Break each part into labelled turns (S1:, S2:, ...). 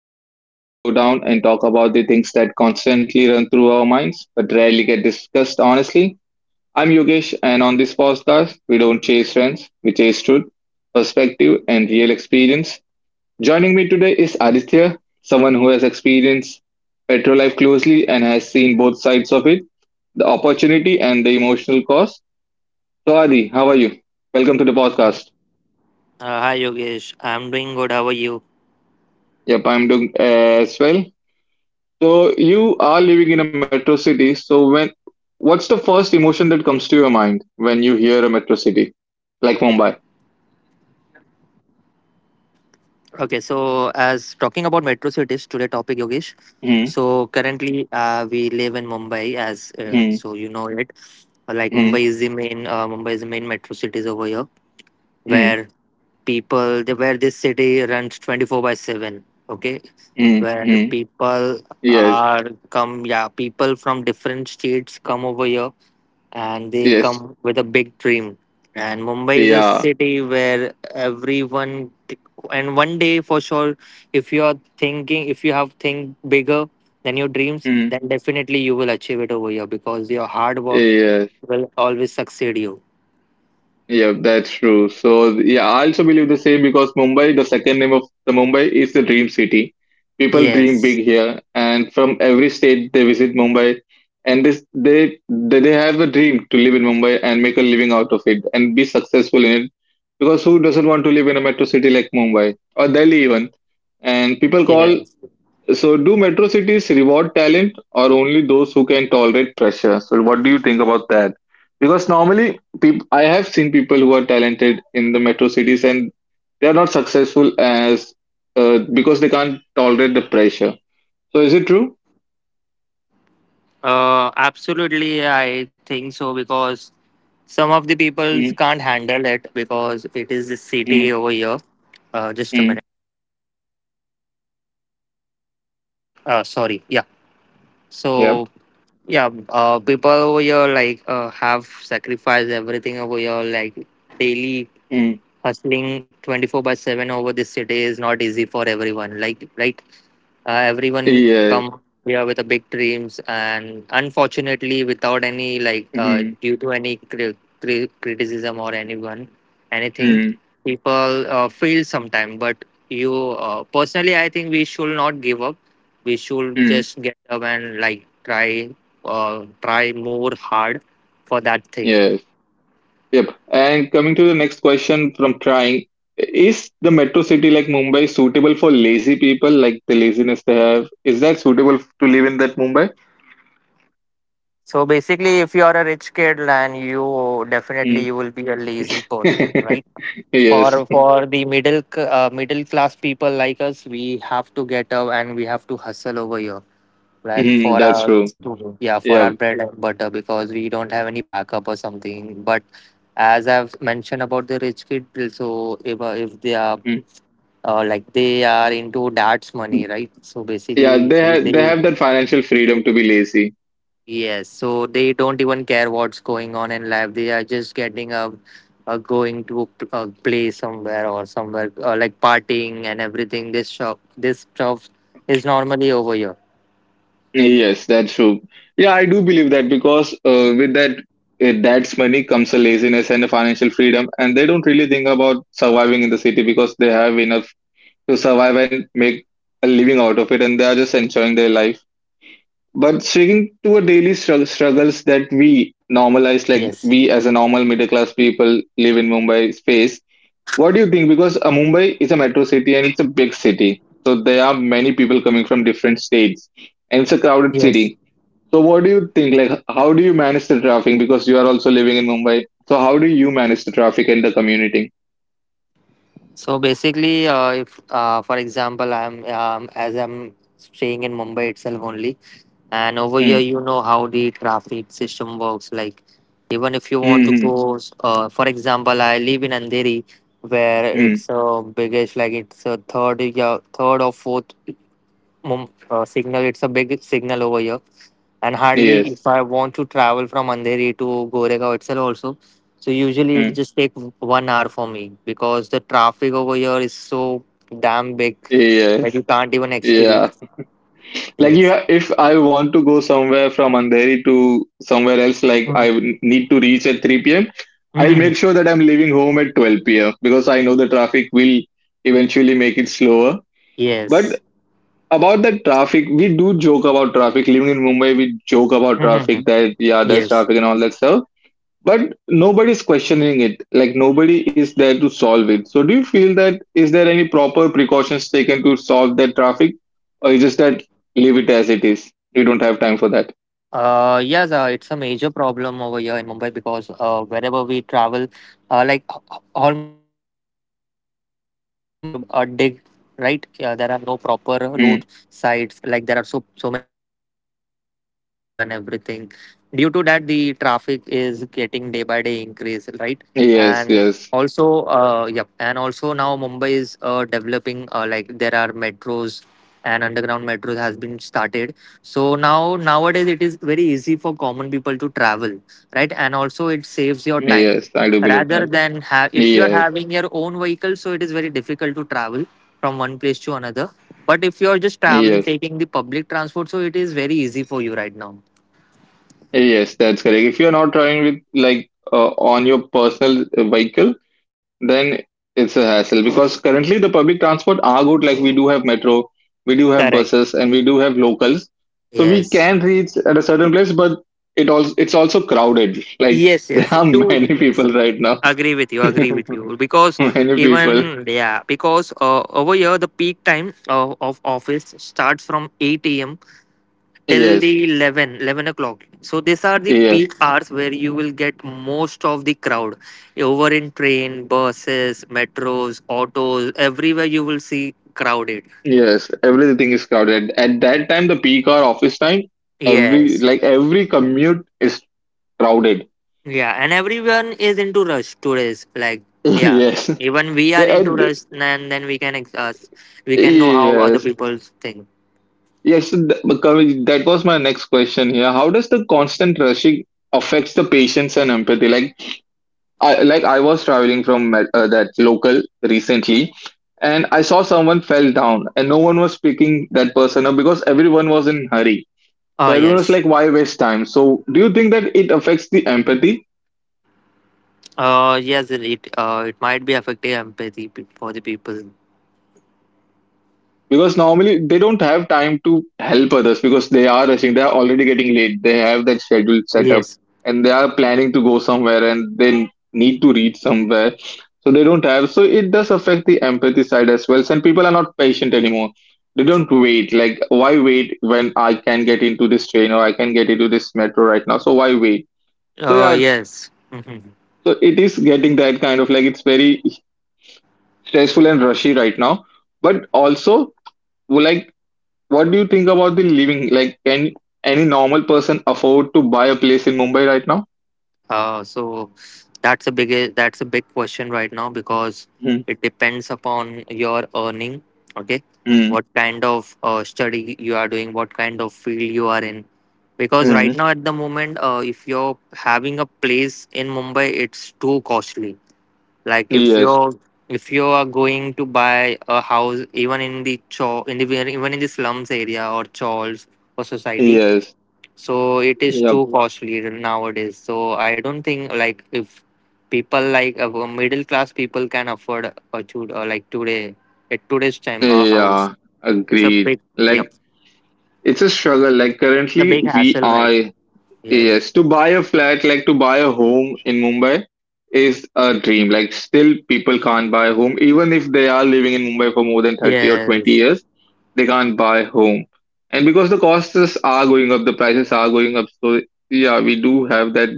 S1: space where we slow down and talk about the things that constantly run through our minds but rarely get discussed honestly. I'm Yogesh, and on this podcast, we don't chase trends, we chase truth, perspective, and real experience. Joining me today is Aditya, someone who has experienced petrol life closely and has seen both sides of it, the opportunity and the emotional cost. So, Adi, how are you? Welcome to the
S2: Uh,
S1: podcast.
S2: Hi Yogesh, I'm doing good. How are you?
S1: Yep, I'm doing as well. So you are living in a metro city. So when what's the first emotion that comes to your mind when you hear a metro city like Mumbai?
S2: Okay, so as talking about metro cities today, topic Yogesh. So
S1: Hmm.
S2: currently, we live in Mumbai, as so you
S1: Hmm.
S2: know it. Like Mumbai
S1: Hmm.
S2: is the main, metro cities over here,
S1: Hmm.
S2: where where this city runs 24 by seven. Okay,
S1: Hmm.
S2: where
S1: Hmm. Yes.
S2: are people from different states come over here and they
S1: Yes.
S2: come with a big dream. And Mumbai is a
S1: Yeah.
S2: city where everyone, and one day for sure, if you are thinking, if you have think bigger than your dreams,
S1: Hmm.
S2: then definitely you will achieve it over here because your hard work
S1: Yes.
S2: will always succeed you.
S1: Yeah, that's true. So yeah, I also believe the same because Mumbai, the second name of the Mumbai is the dream city. People dream
S2: Yes,
S1: big here, and from every state they visit Mumbai, and they have a dream to live in Mumbai and make a living out of it and be successful in it. Because who doesn't want to live in a metro city like Mumbai or Delhi even? And
S2: yes,
S1: people call, so, do metro cities reward talent or only those who can tolerate pressure? So, what do you think about that? Because normally, I have seen people who are talented in the metro cities and they are not successful as, because they can't tolerate the pressure. So, is it true?
S2: absolutely. I think so because some of the people
S1: Mm.
S2: can't handle it because it is a city
S1: Mm.
S2: over here. Just a
S1: Mm.
S2: minute. Sorry. Yeah.
S1: Yep.
S2: So yeah, people over here, have sacrificed everything over here, like daily
S1: Mm.
S2: hustling 24 by 7 over this city is not easy for everyone, like right, everyone
S1: Yes.
S2: come here with a big dreams, and unfortunately without any,
S1: Mm-hmm.
S2: due to any criticism or anyone anything,
S1: Mm.
S2: people feel sometime. But you Personally, I think we should not give up. We should
S1: Mm.
S2: just get up and like try, uh, try more hard for that thing.
S1: Yes. Yep. And coming to the next question, from trying, is the metro city like Mumbai suitable for lazy people, like the laziness they have? Is that suitable to live in that Mumbai?
S2: So basically, if you are a rich kid, then you definitely
S1: Mm.
S2: you will be a lazy person, right?
S1: Yes.
S2: For the middle class people like us, we have to get up and we have to hustle over here, like
S1: Mhm,
S2: for
S1: that's
S2: our
S1: true.
S2: to, yeah for our
S1: Yeah.
S2: bread and butter, because we don't have any backup or something. But as I've mentioned about the rich kid, so if they are,
S1: Mhm.
S2: like they are into dad's money, right? So
S1: Yeah,
S2: basically,
S1: they
S2: they.
S1: have that financial freedom to be lazy.
S2: Yes, so they don't even care what's going on in life. They are just getting up, going to play somewhere or somewhere, like partying and everything. This shop, this stuff is normally over here.
S1: Yes, that's true. Yeah, I do believe that because with that, that's money comes a laziness and a financial freedom, and they don't really think about surviving in the city because they have enough to survive and make a living out of it, and they are just enjoying their life. But sticking to a daily struggles that
S2: Yes.
S1: we normalize, like we as a normal middle class people live in Mumbai face. What do you think? Because Mumbai is a metro city and it's a big city, so there are many people coming from different states, and it's a crowded
S2: Yes.
S1: city. So what do you think? Like, how do you manage the traffic? Because you are also living in Mumbai. So how do you manage the traffic and the community?
S2: So basically, if for example, I'm as I'm staying in Mumbai itself only. And over here,
S1: Mm.
S2: you know how the traffic system works. Like, even if you want to
S1: Mm-hmm.
S2: go, for example, I live in Andheri, where
S1: Mm.
S2: it's a biggest, like it's a third, yeah, third or fourth signal. It's a big signal over here, and hardly
S1: Yes.
S2: if I want to travel from Andheri to Goregaon itself also. So usually it
S1: Mm.
S2: just take 1 hour for me, because the traffic over here is so damn big that
S1: Yes.
S2: you can't even
S1: Yeah,
S2: experience.
S1: like you,
S2: Yes.
S1: if I want to go somewhere from Andheri to somewhere else, like I would
S2: Mhm.
S1: need to reach at 3 p.m., I'll
S2: Mhm.
S1: make sure that I'm leaving home at 12 p.m. because I know the traffic will eventually make it slower. But
S2: Yes.
S1: about the traffic, we do joke about traffic. Living in Mumbai, we joke about
S2: Mhm, mhm.
S1: traffic that, yeah, there's
S2: Yes,
S1: traffic and all that stuff, but
S2: yes.
S1: nobody's questioning it, like nobody is there to solve it. So do you feel that is there any proper precautions taken to solve that traffic, or you just that leave it as it is? We don't have time for
S2: Yes,
S1: that.
S2: it's a major problem over here in Mumbai, because wherever we travel, like almost half of the roads are digged, right? Yeah, there are no proper road sides. Like
S1: Hmm.
S2: there are so many potholes over here and everything. Due to that, the traffic is getting day by day increase, right? And
S1: Yes.
S2: also,
S1: Yes.
S2: yep, and also now Mumbai is developing. Like there are metros and underground metros has been started, so now nowadays it is very easy for common people to travel, right? And also it saves your time,
S1: Yes, I do believe that.
S2: rather than if you are
S1: Yes.
S2: having your own vehicle, so it is very difficult to travel from one place to another. But if you are just traveling,
S1: Yes.
S2: taking the public transport, so it is very easy for you right now.
S1: Yes, that's correct. If you're not traveling with like, on your personal vehicle, then it's a hassle because currently the public transport are good. Like we do have metro, we do have
S2: Correct.
S1: buses, and we do have locals, so we
S2: Yes.
S1: can reach at a certain place. But it's also crowded. Like
S2: Yes.
S1: there
S2: Yes.
S1: are
S2: Two.
S1: many
S2: Yes.
S1: people right now,
S2: Agree with you. Agree with you. Because
S1: many people.
S2: even yeah, because over here the peak time of office starts from 8 a.m. till the
S1: Yes,
S2: 11 o'clock, so these are the
S1: yes,
S2: peak hours where you will get most of the crowd over in train, buses, metros, autos, everywhere you will see crowded.
S1: yes. Everything is crowded. At that time, the peak or office time,
S2: Yes.
S1: every commute is crowded.
S2: Yeah, and everyone is into rush today's like. Yeah,
S1: Yes.
S2: even we are
S1: Yeah,
S2: into
S1: and—
S2: rush, and then we can we can know how other
S1: yes.
S2: people think.
S1: Yes. Because that was my next question here. How does the constant rushing affects the patience and empathy? Like, I was traveling from, that local recently, and I saw someone fell down, and no one was picking that person up because everyone was in hurry.
S2: Oh
S1: So everyone was
S2: yes.
S1: like, "Why waste time?" So, do you think that it affects the empathy?
S2: It might be affecting empathy for the people.
S1: Because normally they don't have time to help others because they are rushing, they are already getting late, they have that schedule set up,
S2: Yes.
S1: and they are planning to go somewhere and they need to reach somewhere. So they don't have, so it does affect the empathy side as well, and people are not patient anymore. They don't wait, like why wait when I can get into this train, or I can get into this metro right now? So why wait? So
S2: Uh
S1: yeah,
S2: yes.
S1: so it is getting that kind of, like, it's very stressful and rushy right now. But also, like, what do you think about the living? Like, can any normal person afford to buy a place in Mumbai right now?
S2: So that's a big question right now, because
S1: Mm.
S2: it depends upon your earning. Okay,
S1: Mm.
S2: what kind of study you are doing, what kind of field you are in. Because right
S1: Mm.
S2: now at the moment, if you're having a place in Mumbai, it's too costly. Like if
S1: Yes,
S2: you're, if you are going to buy a house, even in the even in the slums area or chawls or society,
S1: yes,
S2: so it is
S1: yep,
S2: too costly nowadays. So I don't think like if people, like middle class people, can afford a to, like today at today's time a house.
S1: yeah,
S2: It's a
S1: agreed.
S2: big. Yep.
S1: Like, it's a struggle. Like,
S2: It's a
S1: currently,
S2: big
S1: we
S2: hassle, right?
S1: are—
S2: Yes.
S1: yes, to buy a flat, like to buy a home in Mumbai, is a dream. Like, still, people can't buy a home. Even if they are living in Mumbai for more than 30 or 20
S2: Yes.
S1: years, they can't buy home. And because the costs are going up, the prices are going up. So, yeah, we do have that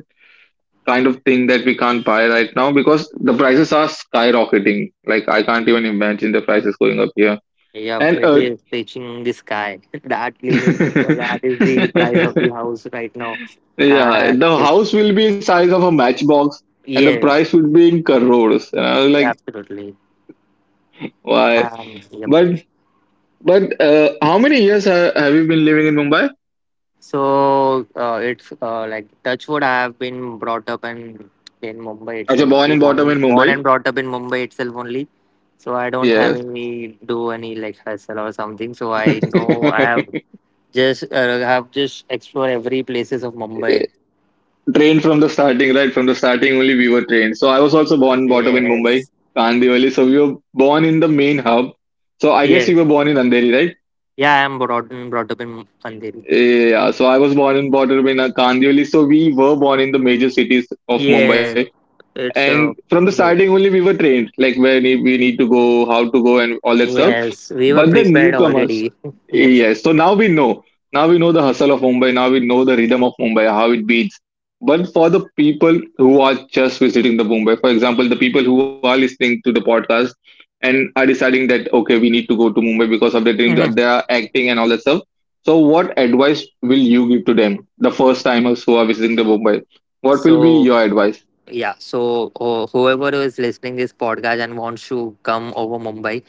S1: kind of thing that we can't buy right now because the prices are skyrocketing. Like, I can't even imagine the prices going up here.
S2: Yep,
S1: And,
S2: it is reaching the sky that limit. That is the price of the house right now.
S1: yeah,
S2: And
S1: the
S2: if,
S1: house will be size of a matchbox, and the price
S2: yes,
S1: would be in crores. And I was like,
S2: absolutely.
S1: why?
S2: And yep.
S1: But but how many years have you been living in Mumbai?
S2: So it's like touch wood, I have been brought up and in Mumbai
S1: Actually,
S2: itself
S1: born
S2: only,
S1: and bottom in
S2: born and
S1: Mumbai.
S2: brought up in Mumbai itself only. So I don't have
S1: Yes.
S2: any do any like hustle or something. So I know I have just explored every places of Mumbai.
S1: Trained from the starting, right? From the starting only we were trained. So I was also born and bottom in Mumbai,
S2: Yes,
S1: Kandivali. So we were born in the main hub. So I guess
S2: yes,
S1: you were born in Andheri, right?
S2: yeah. I am brought up in Andheri.
S1: Yeah. So I was born and bottom in, Kandivali. So we were born in the major cities of Mumbai,
S2: Yes, it's
S1: and from the starting
S2: yes.
S1: only we were trained like where we need to go, how to go, and all that stuff.
S2: Yes, we were
S1: But the
S2: prepared
S1: newcomers,
S2: already. Yes.
S1: yes, so now we know. Now we know the hustle of Mumbai, now we know the rhythm of Mumbai, how it beats. But for the people who are just visiting the Mumbai, for example the people who are listening to the podcast and are deciding that okay, we need to go to Mumbai because of the dreams
S2: Mhm.
S1: they are acting and all that stuff. So what advice will you give to them, the first timers who are visiting the Mumbai? What will be
S2: So
S1: your advice?
S2: yeah, so whoever is listening this podcast and wants to come over Mumbai,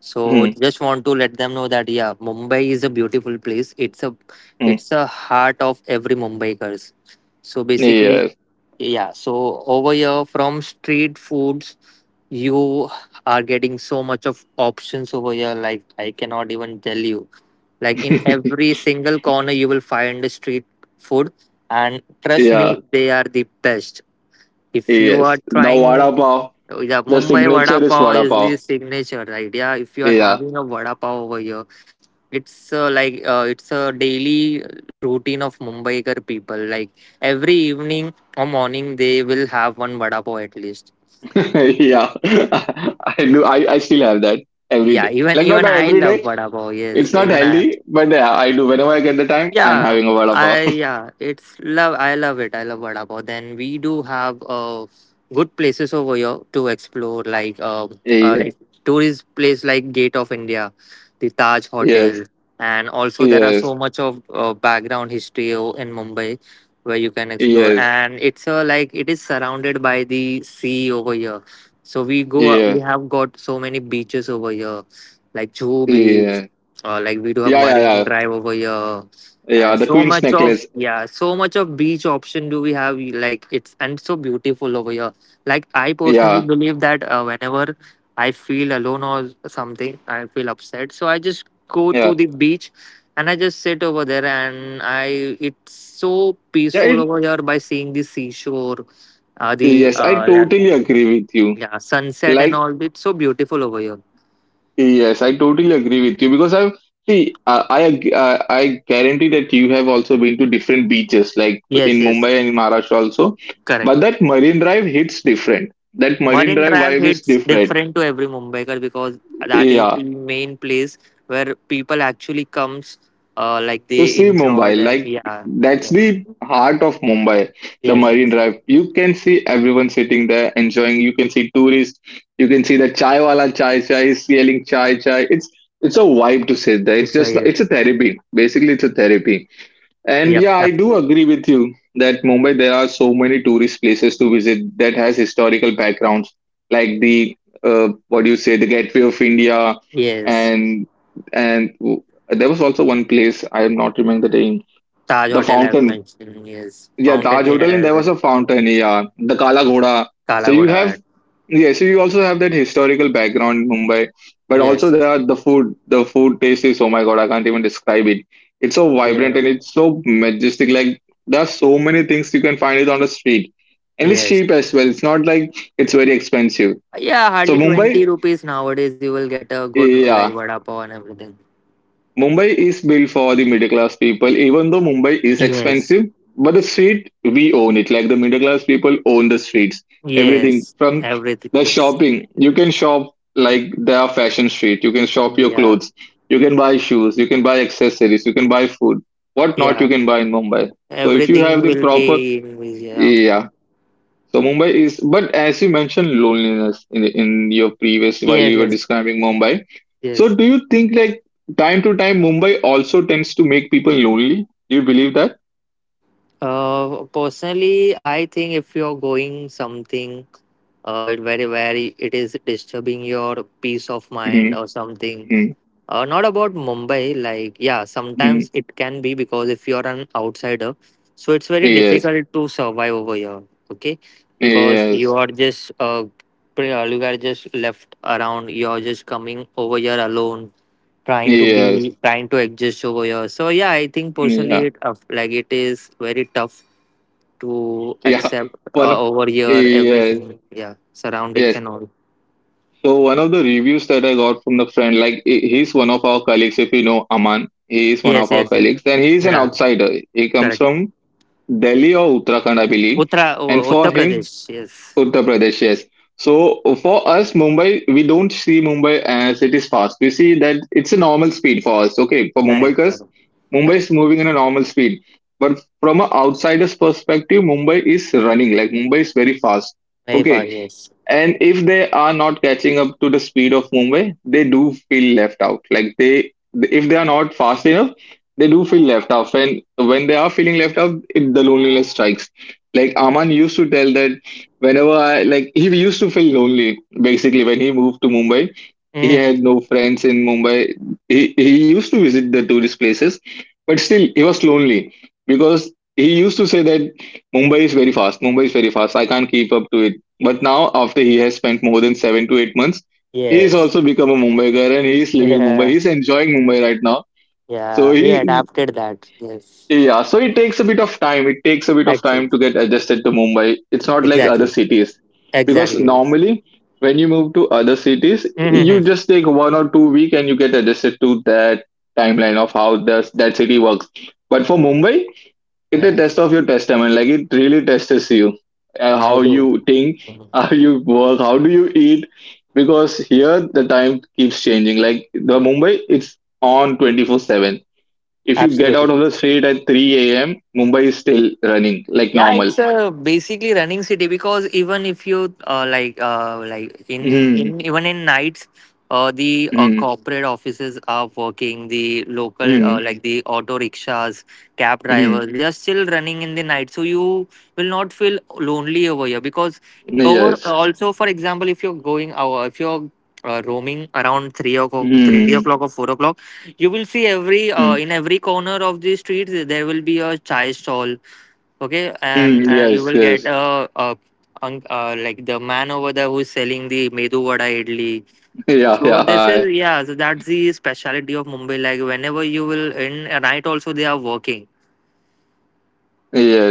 S2: so
S1: Hmm.
S2: just want to let them know that yeah, Mumbai is a beautiful place. It's a
S1: Mm.
S2: it's a heart of every Mumbaikers. So basically,
S1: Yes.
S2: yeah, so over here from street foods, you are getting so much of options over here. Like I cannot even tell you. Like in every single corner, you will find a street food, and trust
S1: Yeah.
S2: me, they are the best if you are
S1: Yes. The
S2: trying.
S1: vada pav.
S2: Yeah,
S1: The
S2: Mumbai vada
S1: signature is
S2: pav
S1: vada
S2: is
S1: pav.
S2: the signature idea. If you are
S1: Yeah.
S2: having a vada pav over here, it's a daily routine of Mumbaiker people. Like every evening or morning, they will have one vada pav at least.
S1: Yeah. I do. I still have that every
S2: Yeah,
S1: day.
S2: even
S1: Like not
S2: even I
S1: every
S2: love
S1: day.
S2: vada pav. Yes,
S1: It's not
S2: even I.
S1: healthy, but yeah, I do. Whenever I get the time, I'm
S2: Yeah,
S1: having a vada pav.
S2: it's love. I love it. I love vada pav. Then we do have good places over here to explore, like uh, uh
S1: Yeah.
S2: like tourist place like Gate of India, the Taj
S1: Yes.
S2: Hotel, and also there are
S1: Yes.
S2: so much of background history in Mumbai where you can explore,
S1: Yes.
S2: and it's like it is surrounded by the sea over here. So we go. We
S1: Yes.
S2: have got so many beaches over here, like Juhu Beach.
S1: Yeah.
S2: Like we do have
S1: Yeah. Yeah.
S2: Marine
S1: Yeah.
S2: Drive over here,
S1: Yeah.
S2: and
S1: The queen's necklace.
S2: so much of beach option do we have. Like it's and so beautiful over here. Like I personally
S1: Yeah.
S2: believe that, whenever I feel alone or something, I feel upset, so I just go
S1: Yeah.
S2: to the beach, and I just sit over there and I It's so
S1: Yeah.
S2: peaceful
S1: It,
S2: over here, by seeing the seashore, uh, the
S1: yes. I
S2: uh, like,
S1: totally agree with you.
S2: yeah, sunset and
S1: Like
S2: all, it's so beautiful over here.
S1: yes, I totally agree with you because I've see, I guarantee that you have also been to different beaches like in
S2: Yes, yes.
S1: Mumbai and in Maharashtra also,
S2: Correct.
S1: but that Marine Drive hits different. That Marine
S2: Marine
S1: Drive
S2: Drive
S1: vibe is
S2: hits
S1: different.
S2: different to every Mumbaiker, because that is
S1: Yeah,
S2: the main place where people actually comes. Like
S1: to
S2: they
S1: see
S2: enjoy
S1: Mumbai,
S2: their,
S1: like,
S2: yeah.
S1: that's
S2: Yeah.
S1: the heart of Mumbai, the
S2: Yes,
S1: Marine
S2: yes.
S1: Drive. You can see everyone sitting there enjoying. You can see tourists. You can see the chai wala, chai chai is yelling chai chai. It's a vibe to sit there. It's
S2: It's a
S1: just
S2: yes.
S1: it's a therapy. Basically, it's a therapy. And
S2: Yep,
S1: yeah, I do
S2: absolutely.
S1: agree with you that Mumbai, there are so many tourist places to visit that has historical backgrounds, like the, what do you say, the Gateway of India,
S2: Yes.
S1: and there was also one place I am not remembering the name,
S2: Taj
S1: the
S2: Hotel I've
S1: fountain,
S2: mentioned, yes.
S1: yeah,
S2: Fountain,
S1: Taj Hotel, and there
S2: yeah.
S1: was a fountain. Yeah, the Kala Ghoda. So you
S2: Kalagoda.
S1: have, yeah, so you also have that historical background in Mumbai, but also
S2: Yes.
S1: there are the food. The food taste is oh my god, I can't even describe it. It's so vibrant
S2: Yeah.
S1: and it's so majestic. Like there are so many things you can find it on the street, and it's
S2: Yes.
S1: cheap as well. It's not like it's very expensive.
S2: Yeah,
S1: So
S2: hardly 20
S1: Mumbai,
S2: rupees nowadays you will get a good like
S1: yeah,
S2: vada pav and everything.
S1: Mumbai is built for the middle class people, even though Mumbai is
S2: Yes,
S1: expensive. But the street, we own it. Like the middle class people own the streets. Everything
S2: yes,
S1: from
S2: everything
S1: the
S2: is,
S1: shopping. You can shop, like there are fashion street. You can shop your
S2: yeah,
S1: clothes. You can buy shoes. You can buy accessories. You can buy food. What not you
S2: yeah,
S1: can buy in Mumbai. So if you
S2: everything
S1: have the
S2: will
S1: proper,
S2: be, yeah.
S1: yeah. So Mumbai is, but as you mentioned loneliness in your previous while
S2: Yes,
S1: you were
S2: yes,
S1: describing Mumbai. So
S2: yes.
S1: do you think like time to time Mumbai also tends to make people lonely? Do you believe that?
S2: Personally I think if you're going something, it very, very, it is disturbing your peace of
S1: hmm
S2: mind or something.
S1: hmm
S2: Not about Mumbai, like yeah,
S1: Hmm.
S2: sometimes it can be, because if you're an outsider, so it's very
S1: Yes,
S2: difficult to survive over here. Okay, because
S1: yes,
S2: you are just you are just left around, you're just coming over here alone, trying to
S1: yes,
S2: be trying to adjust over here. So yeah, I think personally
S1: yeah,
S2: it, like it is very tough to
S1: yeah.
S2: accept,
S1: One, of-
S2: over here
S1: yes,
S2: everything, yeah, surroundings
S1: yes.
S2: and all.
S1: So one of the reviews that I got from the friend, like he's one of our colleagues. If you know Aman, he is one
S2: Yes,
S1: of our
S2: yes, yes,
S1: colleagues, and he is an
S2: yeah.
S1: outsider. He comes
S2: Correct.
S1: from Delhi or Uttarakhand, I believe. And for
S2: Uttar
S1: him,
S2: Pradesh. Yes.
S1: Uttar Pradesh, yes. So for us, Mumbai, we don't see Mumbai as it is fast. We see that it's a normal speed for us. Okay, for Mumbai,
S2: Correct,
S1: because
S2: correct.
S1: Mumbai is
S2: Correct.
S1: moving in a normal speed. But from an outsider's perspective, Mumbai is running. Like Mumbai is very fast.
S2: Very far,
S1: Okay,
S2: yes.
S1: and if they are not catching up to the speed of Mumbai, they do feel left out. Like they, if they are not fast enough, they do feel left out. And when they are feeling left out, it, the loneliness strikes. Like Aman used to tell that whenever I like, he used to feel lonely basically when he moved to Mumbai he
S2: Hmm.
S1: had no friends in Mumbai. He used to visit the tourist places, but still he was lonely because he used to say that Mumbai is very fast. Mumbai is very fast. I can't keep up to it. But now, after he has spent more than 7 to 8 months, he is
S2: Yes.
S1: also become a Mumbai guy and he is living in Mumbai.
S2: Yeah.
S1: He is enjoying Mumbai right now. So
S2: Yeah, he
S1: he
S2: adapted that, yes.
S1: yeah, so it takes a bit of time. It takes a bit of time
S2: Actually,
S1: to get adjusted to Mumbai. It's not like other
S2: exactly,
S1: cities. Because
S2: exactly.
S1: normally, when you move to other cities, you
S2: Hmm.
S1: just take 1 or 2 week and you get adjusted to that timeline of how the, that city works. But for Mumbai, it's a
S2: Yes,
S1: test of your testament. Like it really tests you. Uh,
S2: I
S1: how
S2: do.
S1: you think,
S2: Mhm.
S1: how you work, how do you eat. Because here the time keeps changing. Like the Mumbai, it's on 24-7 if you get out
S2: Absolutely.
S1: of the street at 3 a.m., Mumbai is still running like
S2: Yeah,
S1: normal.
S2: it's basically running city because even if you like in
S1: Mm,
S2: in even in nights, the
S1: mm,
S2: corporate offices are working, the local,
S1: mm,
S2: like the auto rickshaws, cab
S1: mm.
S2: drivers, they are still running in the night, so you will not feel lonely over here. Because over
S1: Yes.
S2: also, for example, if you're going if you're roaming around 3 o'clock,
S1: Mm,
S2: 3 o'clock or 4 o'clock, you will see every
S1: mm,
S2: in every corner of the street there will be a chai stall. Okay, and
S1: mm.
S2: you
S1: Yes,
S2: will get
S1: yes.
S2: a, un like the man over there who is selling the medu vada idli.
S1: Yeah,
S2: So
S1: yeah.
S2: this
S1: I,
S2: is, yeah, so that's the speciality of Mumbai, like whenever you will in at night also they are working.
S1: yes.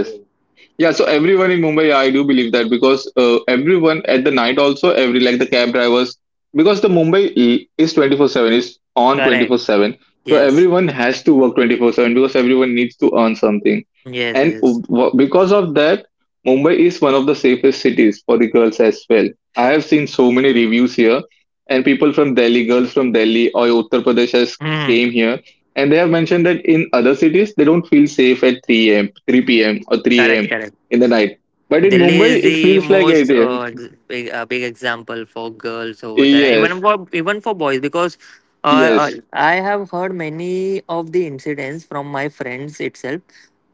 S1: Yeah, so everyone in Mumbai, yeah, I do believe that because everyone at the night also, every like the cab drivers, because the Mumbai is 24/7, is on
S2: Correct.
S1: 24/7. So
S2: Yes,
S1: everyone has to work 24/7 because everyone needs to earn something.
S2: yes,
S1: And
S2: yes.
S1: because of that, Mumbai is one of the safest cities for the girls as well. I have seen so many reviews here, and people from Delhi, girls from Delhi or Uttar Pradesh has came
S2: Mm.
S1: here and they have mentioned that in other cities, they don't feel safe at 3 a.m., 3 p.m., or 3
S2: Correct,
S1: a.m.
S2: correct.
S1: in the night. But in
S2: Delhi is
S1: Mumbai, it
S2: the
S1: feels like
S2: most
S1: 8 a.m.
S2: big, big example for girls over there, and even
S1: Yes,
S2: for boys because
S1: yes,
S2: I have heard many of the incidents from my friends itself.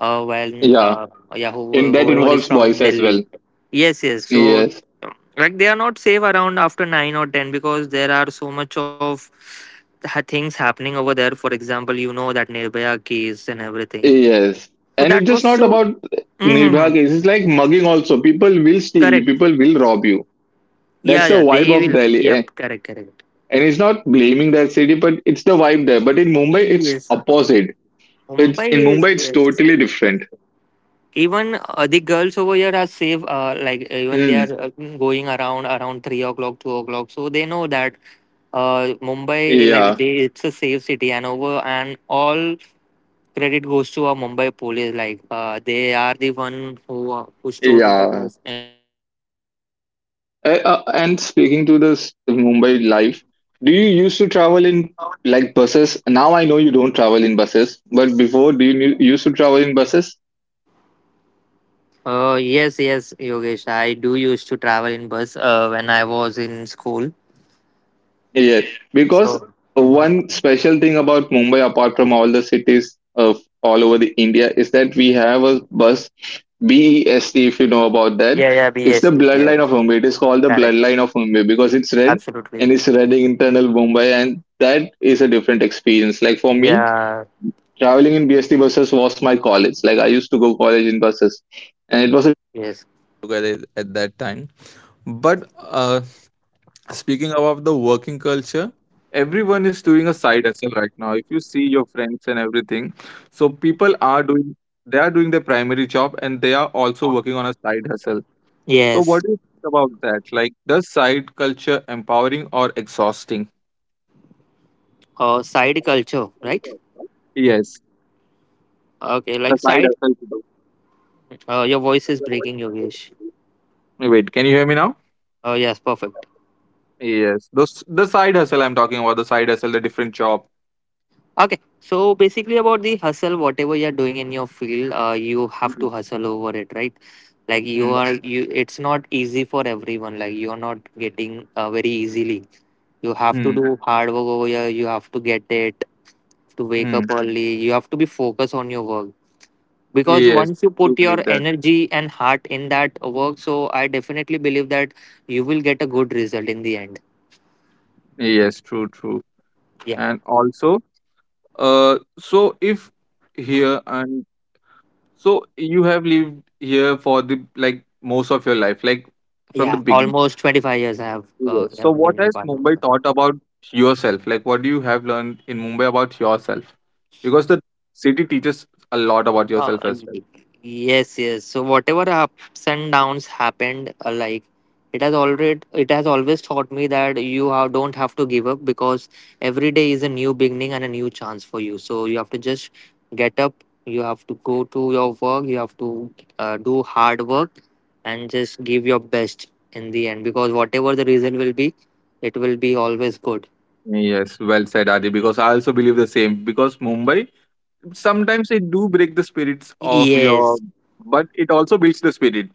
S2: When
S1: yeah.
S2: yeah,
S1: And that
S2: whoever is
S1: involves boys
S2: from
S1: as well.
S2: Delhi, yes, yes. So,
S1: Yes,
S2: uh, like they are not safe around after 9 or 10 because there are so much of things happening over there. For example, you know that Nirbhaya case and everything.
S1: yes.
S2: So
S1: And it's
S2: that
S1: just
S2: was
S1: not
S2: so.
S1: about
S2: Hmm.
S1: Nirbhaya case. It's like mugging also. People will steal you.
S2: Correct.
S1: People will rob you.
S2: Yeah,
S1: That's the
S2: yeah,
S1: vibe
S2: they
S1: of
S2: will.
S1: Delhi.
S2: Yep,
S1: Eh.
S2: correct, correct.
S1: And it's not blaming that city, but it's the vibe there. But in Mumbai, it's
S2: Yes,
S1: opposite. It's in
S2: Mumbai is,
S1: Mumbai, it's
S2: yes.
S1: totally different.
S2: Even the girls over here are safe. Like, even they
S1: Mm,
S2: are going around around 3 o'clock, 2 o'clock. So they know that Mumbai, like
S1: yeah.
S2: they, it's a safe city, and over and all credit goes to our Mumbai police. Like they are the one who stood with
S1: Yeah.
S2: us.
S1: And speaking to this Mumbai life, do you used to travel in like buses? Now I know you don't travel in buses, but before, do you used to travel in buses?
S2: Yes, yes, Yogesh. I do used to travel in bus when I was in school.
S1: Yeah. Because
S2: So, mhm.
S1: one special thing about Mumbai, apart from all the cities of all over the India, is that we have a bus, BEST, if you know about that.
S2: Yeah, yeah,
S1: It's the
S2: BST,
S1: bloodline of
S2: yes,
S1: Mumbai. It is called the
S2: correct,
S1: bloodline of Mumbai because it's red
S2: absolutely.
S1: and it's red internal Mumbai, and that is a different experience. Like for me,
S2: Yeah,
S1: traveling in BST buses was my college. Like I used to go college in buses, and it was a
S2: yes,
S1: together at that time. But speaking about the working culture, everyone is doing a side hustle right now. If you see your friends and everything, so people are doing they are doing their primary job and they are also working on a side hustle. So
S2: yes.
S1: what do you think about that? Like, does side culture empowering or exhausting?
S2: Side culture, right?
S1: Yes,
S2: Okay,
S1: the
S2: like
S1: side
S2: side.
S1: hustle.
S2: Your voice is breaking, Yogesh.
S1: Wait, can you hear me now?
S2: Oh, yes, perfect.
S1: Yes, those the side hustle I'm talking about, the side hustle, the different job.
S2: Okay, so basically about the hustle, whatever you're doing in your field, you have
S1: Mm,
S2: to hustle over it, right? Like you are, you. It's not easy for everyone. Like you're not getting very easily. You have to
S1: mm,
S2: do hard work over here. You have to get it to wake up
S1: mm.
S2: early. You have to be focused on your work because
S1: Yes,
S2: once you
S1: do
S2: put your
S1: believe that.
S2: energy and heart in that work, so I definitely believe that you will get a good result in the end.
S1: Yes, true, true.
S2: Yeah,
S1: And also, so if here and so you have lived here for the like most of your life, like from the
S2: yeah.
S1: beginning.
S2: Almost 25 years I have
S1: Yes. So what
S2: been in
S1: has
S2: part.
S1: Mumbai taught about yourself? Like, what do you have learned in Mumbai about yourself? Because the city teaches a lot about
S2: Uh,
S1: yourself as well.
S2: y- yes, yes. So whatever ups and downs happened, like it has always taught me that you have, don't have to give up because every day is a new beginning and a new chance for you. So you have to just get up. You have to go to your work. You have to do hard work and just give your best in the end because whatever the reason will be, it will be always good.
S1: Yes, well said, Adi, because I also believe the same. Because Mumbai, sometimes it do break the spirits of your,
S2: Yes.
S1: but it also builds the spirit.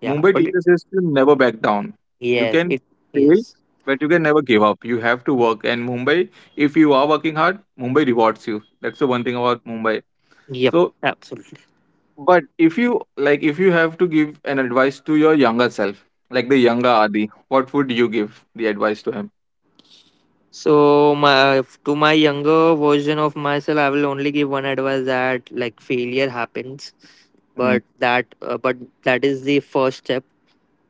S2: Yeah.
S1: Mumbai
S2: But it,
S1: teaches us to never back down. You
S2: yes,
S1: can
S2: it,
S1: fail,
S2: yes.
S1: but you can never give up. You have to work. And Mumbai, if you are working hard, Mumbai rewards you. That's the one thing about Mumbai.
S2: Yep.
S1: So,
S2: Absolutely.
S1: but if you like, if you have to give an advice to your younger self, like the younger Adi, what would you give the advice to him?
S2: So my, to my younger version of myself, I will only give one advice that like failure happens,
S1: hmm
S2: but that is the first step,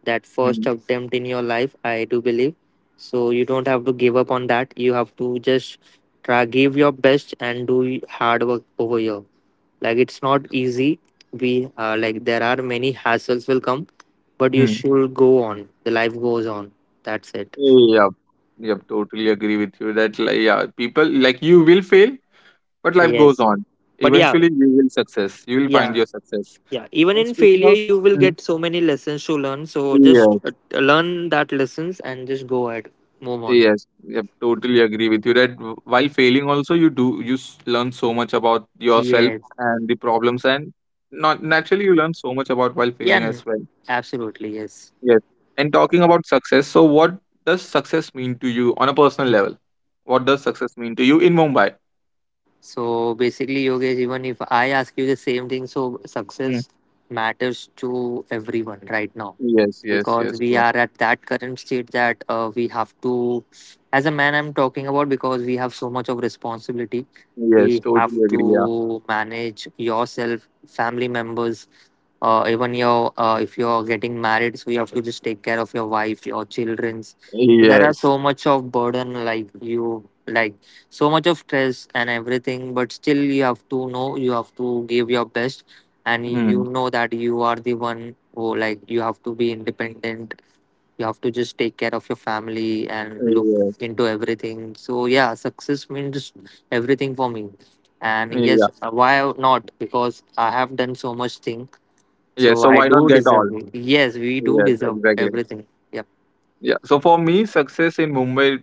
S2: that first
S1: hmm,
S2: attempt in your life. I do believe. So you don't have to give up on that. You have to just try, give your best, and do hard work over here. Like it's not easy. We like there are many hassles will come, but you
S1: hmm.
S2: should go on. The life goes on. That's it.
S1: Yep, yep, totally agree with you that like, yeah, people like you will fail, but life goes
S2: Yes.
S1: on.
S2: But yeah,
S1: Eventually, you will success. You will
S2: yeah,
S1: find your success.
S2: yeah, even
S1: And
S2: in
S1: speaking
S2: failure
S1: of,
S2: you will
S1: Mhm.
S2: get so many lessons to learn, so just
S1: yes,
S2: learn that lessons and just go ahead, move on.
S1: yes, yep, totally agree with you that while failing also you do learn so much about yourself
S2: Yes.
S1: and the problems and not naturally you learn so much about while
S2: yeah
S1: failing
S2: n-
S1: as well.
S2: absolutely, yes.
S1: Yes. And talking about success, so what does success mean to you on a personal level? What does success mean to you in Mumbai?
S2: So basically, Yogesh, even if I ask you the same thing, so success matters to everyone right now
S1: Yes, yes,
S2: because
S1: yes,
S2: we
S1: bro.
S2: are at that current state that we have to, as a man I'm talking about, because we have so much of responsibility.
S1: Yes,
S2: We have
S1: totally
S2: to
S1: agree. Yeah.
S2: manage yourself, family members, even your, if you're getting married, so you have to just take care of your wife, your children's. So there are
S1: Yes.
S2: so much of burden, like you, like so much of stress and everything, but still you have to know you have to give your best. And
S1: Hmm.
S2: you know that you are the one who, like, you have to be independent. You have to just take care of your family and look
S1: Yes.
S2: into everything. So yeah, success means everything for me. And
S1: Yeah.
S2: yes, why not, because I have done so much thing,
S1: Yeah.
S2: so
S1: So
S2: I
S1: why not
S2: do
S1: get all?
S2: deserve it. Yes, we do
S1: Yes,
S2: deserve
S1: exactly.
S2: everything. Yep.
S1: Yeah. So for me, success in Mumbai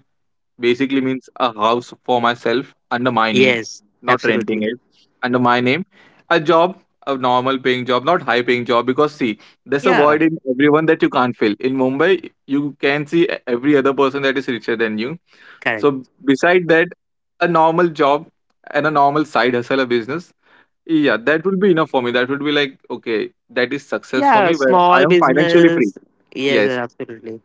S1: basically means a house for myself under my
S2: Yes,
S1: name, not
S2: absolutely.
S1: renting it, under my name. A job, a normal paying job, not high paying job, because see, there's a
S2: Yeah,
S1: void in everyone that you can't fill. In Mumbai, you can see every other person that is richer than you. So
S2: correct.
S1: beside that, a normal job and a normal side hustle, a business, yeah, that would be enough for me. That would be like, okay, that is success for
S2: Yeah,
S1: me where I
S2: small
S1: am financially free.
S2: business. Yes,
S1: Yes,
S2: absolutely.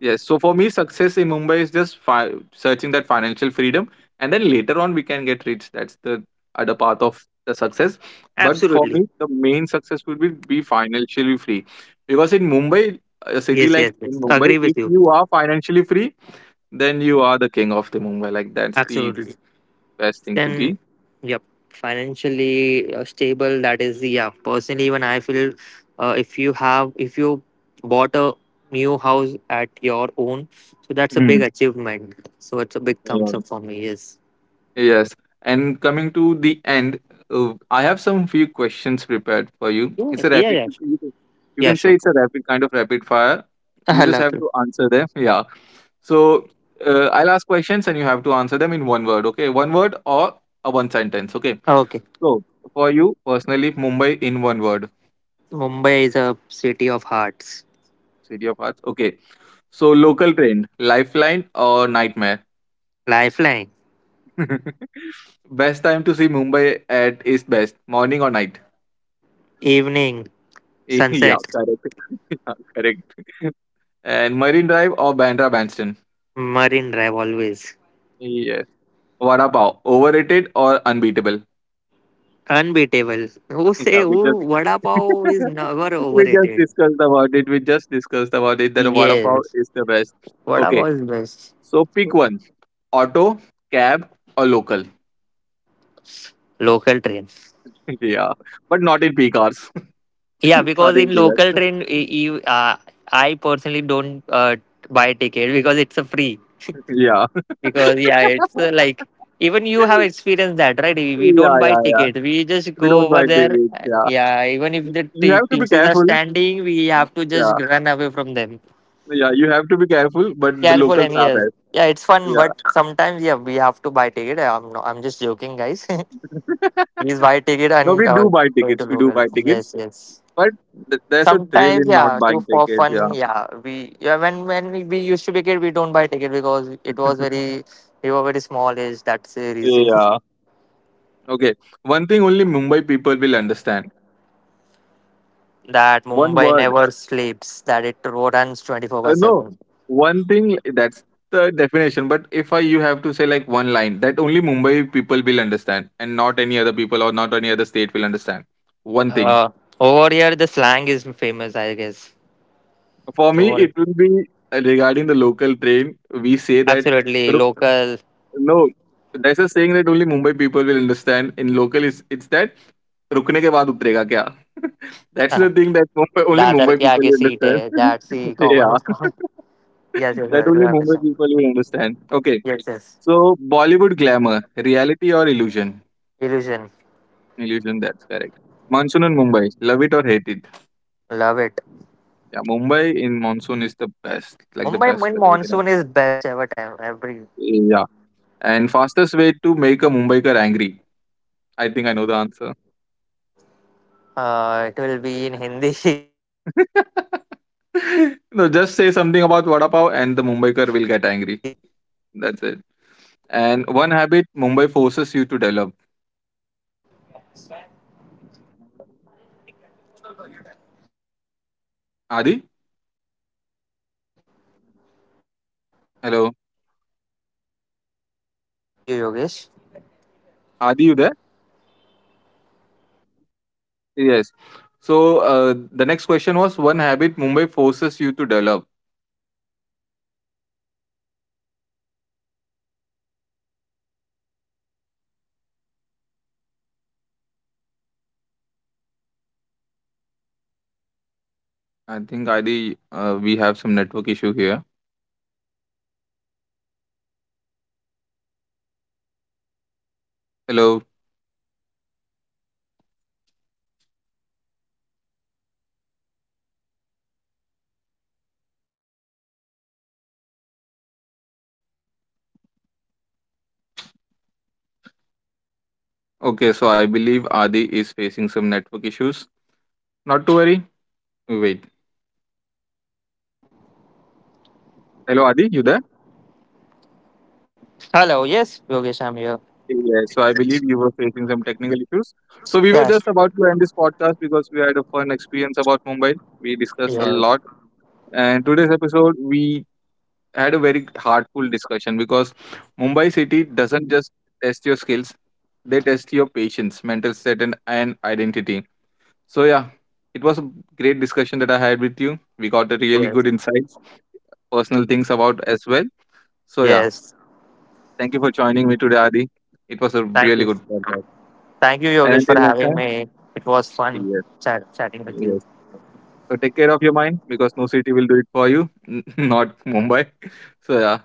S1: yes. So for me, success in Mumbai is just searching that financial freedom, and then later on we can get rich. That's the other path of the success. But for me,
S2: Absolutely.
S1: the main success would be financially free, because in Mumbai, a city
S2: Yes,
S1: like
S2: yes, yes.
S1: in Mumbai,
S2: Agree with
S1: if
S2: you.
S1: you are financially free, then you are the king of the Mumbai. Like that's the
S2: Absolutely.
S1: best thing to be.
S2: Then, yep, financially stable. That is, yeah, personally, even I feel if you have, if you bought a new house at your own, so that's a
S1: Hmm.
S2: big achievement. So it's a big
S1: Yeah.
S2: thumbs up for me. Yes.
S1: Yes. And coming to the end, I have some few questions prepared for you.
S2: Yeah,
S1: It's a
S2: yeah,
S1: rapid,
S2: yeah. Sure.
S1: you
S2: Yeah,
S1: can say
S2: sure.
S1: it's a rapid kind of rapid fire. You
S2: Ah,
S1: just have
S2: Lucknow.
S1: to answer them. Yeah. So I'll ask questions and you have to answer them in one word. Okay. One word or a one sentence. Okay.
S2: Okay.
S1: So for you personally, Mumbai in one word,
S2: Mumbai is a city of hearts.
S1: city of hearts. Okay. So local train, lifeline or nightmare?
S2: Lifeline.
S1: Best time to see Mumbai at is best morning or night.
S2: Evening,
S1: Yeah,
S2: sunset.
S1: correct. Yeah, correct. And Marine Drive or Bandra Bandstand.
S2: Marine Drive always.
S1: Yes. Vada Pav, overrated or unbeatable?
S2: Unbeatable. Who
S1: Yeah,
S2: say
S1: we just
S2: who Vada Pav is never
S1: we just
S2: overrated?
S1: discussed about it. We just discussed about it that Vada Pav
S2: Yes.
S1: is the best.
S2: Vada
S1: Okay,
S2: Pav is best.
S1: so pick one: auto, cab, or local.
S2: Local train.
S1: Yeah, but not in peak hours.
S2: Yeah,
S1: Not
S2: because
S1: in
S2: in
S1: peak hours.
S2: local train, I personally don't buy ticket because it's a free.
S1: Yeah.
S2: Because yeah, it's like, even
S1: Yeah,
S2: you have experienced that, right? We don't buy
S1: yeah, yeah.
S2: ticket, we just
S1: We
S2: go
S1: don't
S2: over
S1: mind the
S2: there.
S1: games. Yeah,
S2: Yeah, even if the
S1: You have to be
S2: TCs are
S1: careful.
S2: standing, we have to
S1: Yeah,
S2: just run away from them.
S1: yeah, you have to be careful. But the
S2: Careful,
S1: locals
S2: and
S1: are
S2: yes,
S1: best.
S2: yeah, it's fun,
S1: Yeah.
S2: but sometimes, yeah, we have to buy ticket. I'm no, I'm just joking, guys. Please buy ticket.
S1: No,
S2: And
S1: we do buy
S2: going
S1: tickets.
S2: to
S1: We do
S2: local,
S1: buy tickets,
S2: yes, yes.
S1: but there's a thrill
S2: Sometimes,
S1: in not
S2: yeah, too
S1: buying
S2: for
S1: tickets. Yeah.
S2: fun. Yeah we yeah, when we used to be kid, we don't buy ticket because it was very, we were very small age, that's the reason.
S1: Yeah. Okay. One thing only Mumbai people will understand.
S2: That
S1: One
S2: Mumbai
S1: word.
S2: never sleeps. That it runs 24 by
S1: No,
S2: 7.
S1: one thing that's the definition. But if I you have to say like one line that only Mumbai people will understand, and not any other people or not any other state will understand. One thing
S2: Ah, over here the slang is famous, I guess.
S1: for
S2: So
S1: me, it
S2: what?
S1: will be regarding the local train. We say that
S2: Absolutely,
S1: "Ru-
S2: local.
S1: no, there's a saying that only Mumbai people will understand. In local, it's that रुकने के बाद उतरेगा क्या? That's the thing that Mumbai, only
S2: Dadar
S1: Mumbai
S2: ki
S1: people
S2: aage
S1: will
S2: seat hai.
S1: understand.
S2: That's the common.
S1: yeah,
S2: Yes, yes, very
S1: that only Mumbai
S2: interesting.
S1: people will understand. Okay.
S2: Yes, yes.
S1: So Bollywood glamour, reality or illusion?
S2: Illusion.
S1: Illusion, that's correct. Monsoon in Mumbai, love it or hate it?
S2: Love it.
S1: Yeah, Mumbai in monsoon is the best, like the
S2: Mumbai
S1: best
S2: main
S1: weather you can have.
S2: monsoon is best ever time. Every,
S1: Yeah, and fastest way to make a Mumbaikar angry. I think I know the answer.
S2: ah, it will be in Hindi. So you're more understanding.
S1: No, just
S2: Yeah.
S1: say something about vada pav, and the Mumbaikar will get angry. That's it.
S2: This Vada
S1: And
S2: Pav
S1: one
S2: is not that
S1: habit Mumbai
S2: good.
S1: forces you to develop. Adi,
S2: Hello. Yep.
S1: hello,
S2: Yes, I can hear you, Yogesh.
S1: Adi, you there? Yes. So the next question was one habit Mumbai forces you to develop. I think Adi, we have some network issue here. Hello. Okay, so I believe Adi is facing some network issues. Not to worry. Wait. Hello, Adi, you there?
S2: Hello, yes, Yogesh, I'm here.
S1: Yeah, so I believe you were facing some technical issues. So we were
S2: Yes,
S1: just about to end this podcast because we had a fun experience about Mumbai. We discussed a
S2: yes,
S1: lot. And today's episode, we had a very heartful discussion because Mumbai city doesn't just test your skills, they test your patience, mental state, and identity. So yeah, it was a great discussion that I had with you. We got a really
S2: yes,
S1: good insights, personal things about as well. So yeah,
S2: yes.
S1: thank you for joining me today, Adi. It was a
S2: Thank
S1: really
S2: you.
S1: good podcast.
S2: Thank you,
S1: And
S2: Yogesh,
S1: until
S2: for
S1: next
S2: having
S1: time,
S2: me. It was fun
S1: yes,
S2: chatting with you.
S1: yes. So take care of your mind because no city will do it for you, not Mumbai. So yeah,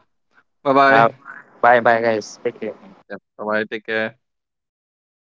S1: bye bye.
S2: Uh, bye bye, guys. Take care.
S1: Yeah, bye bye. Take care.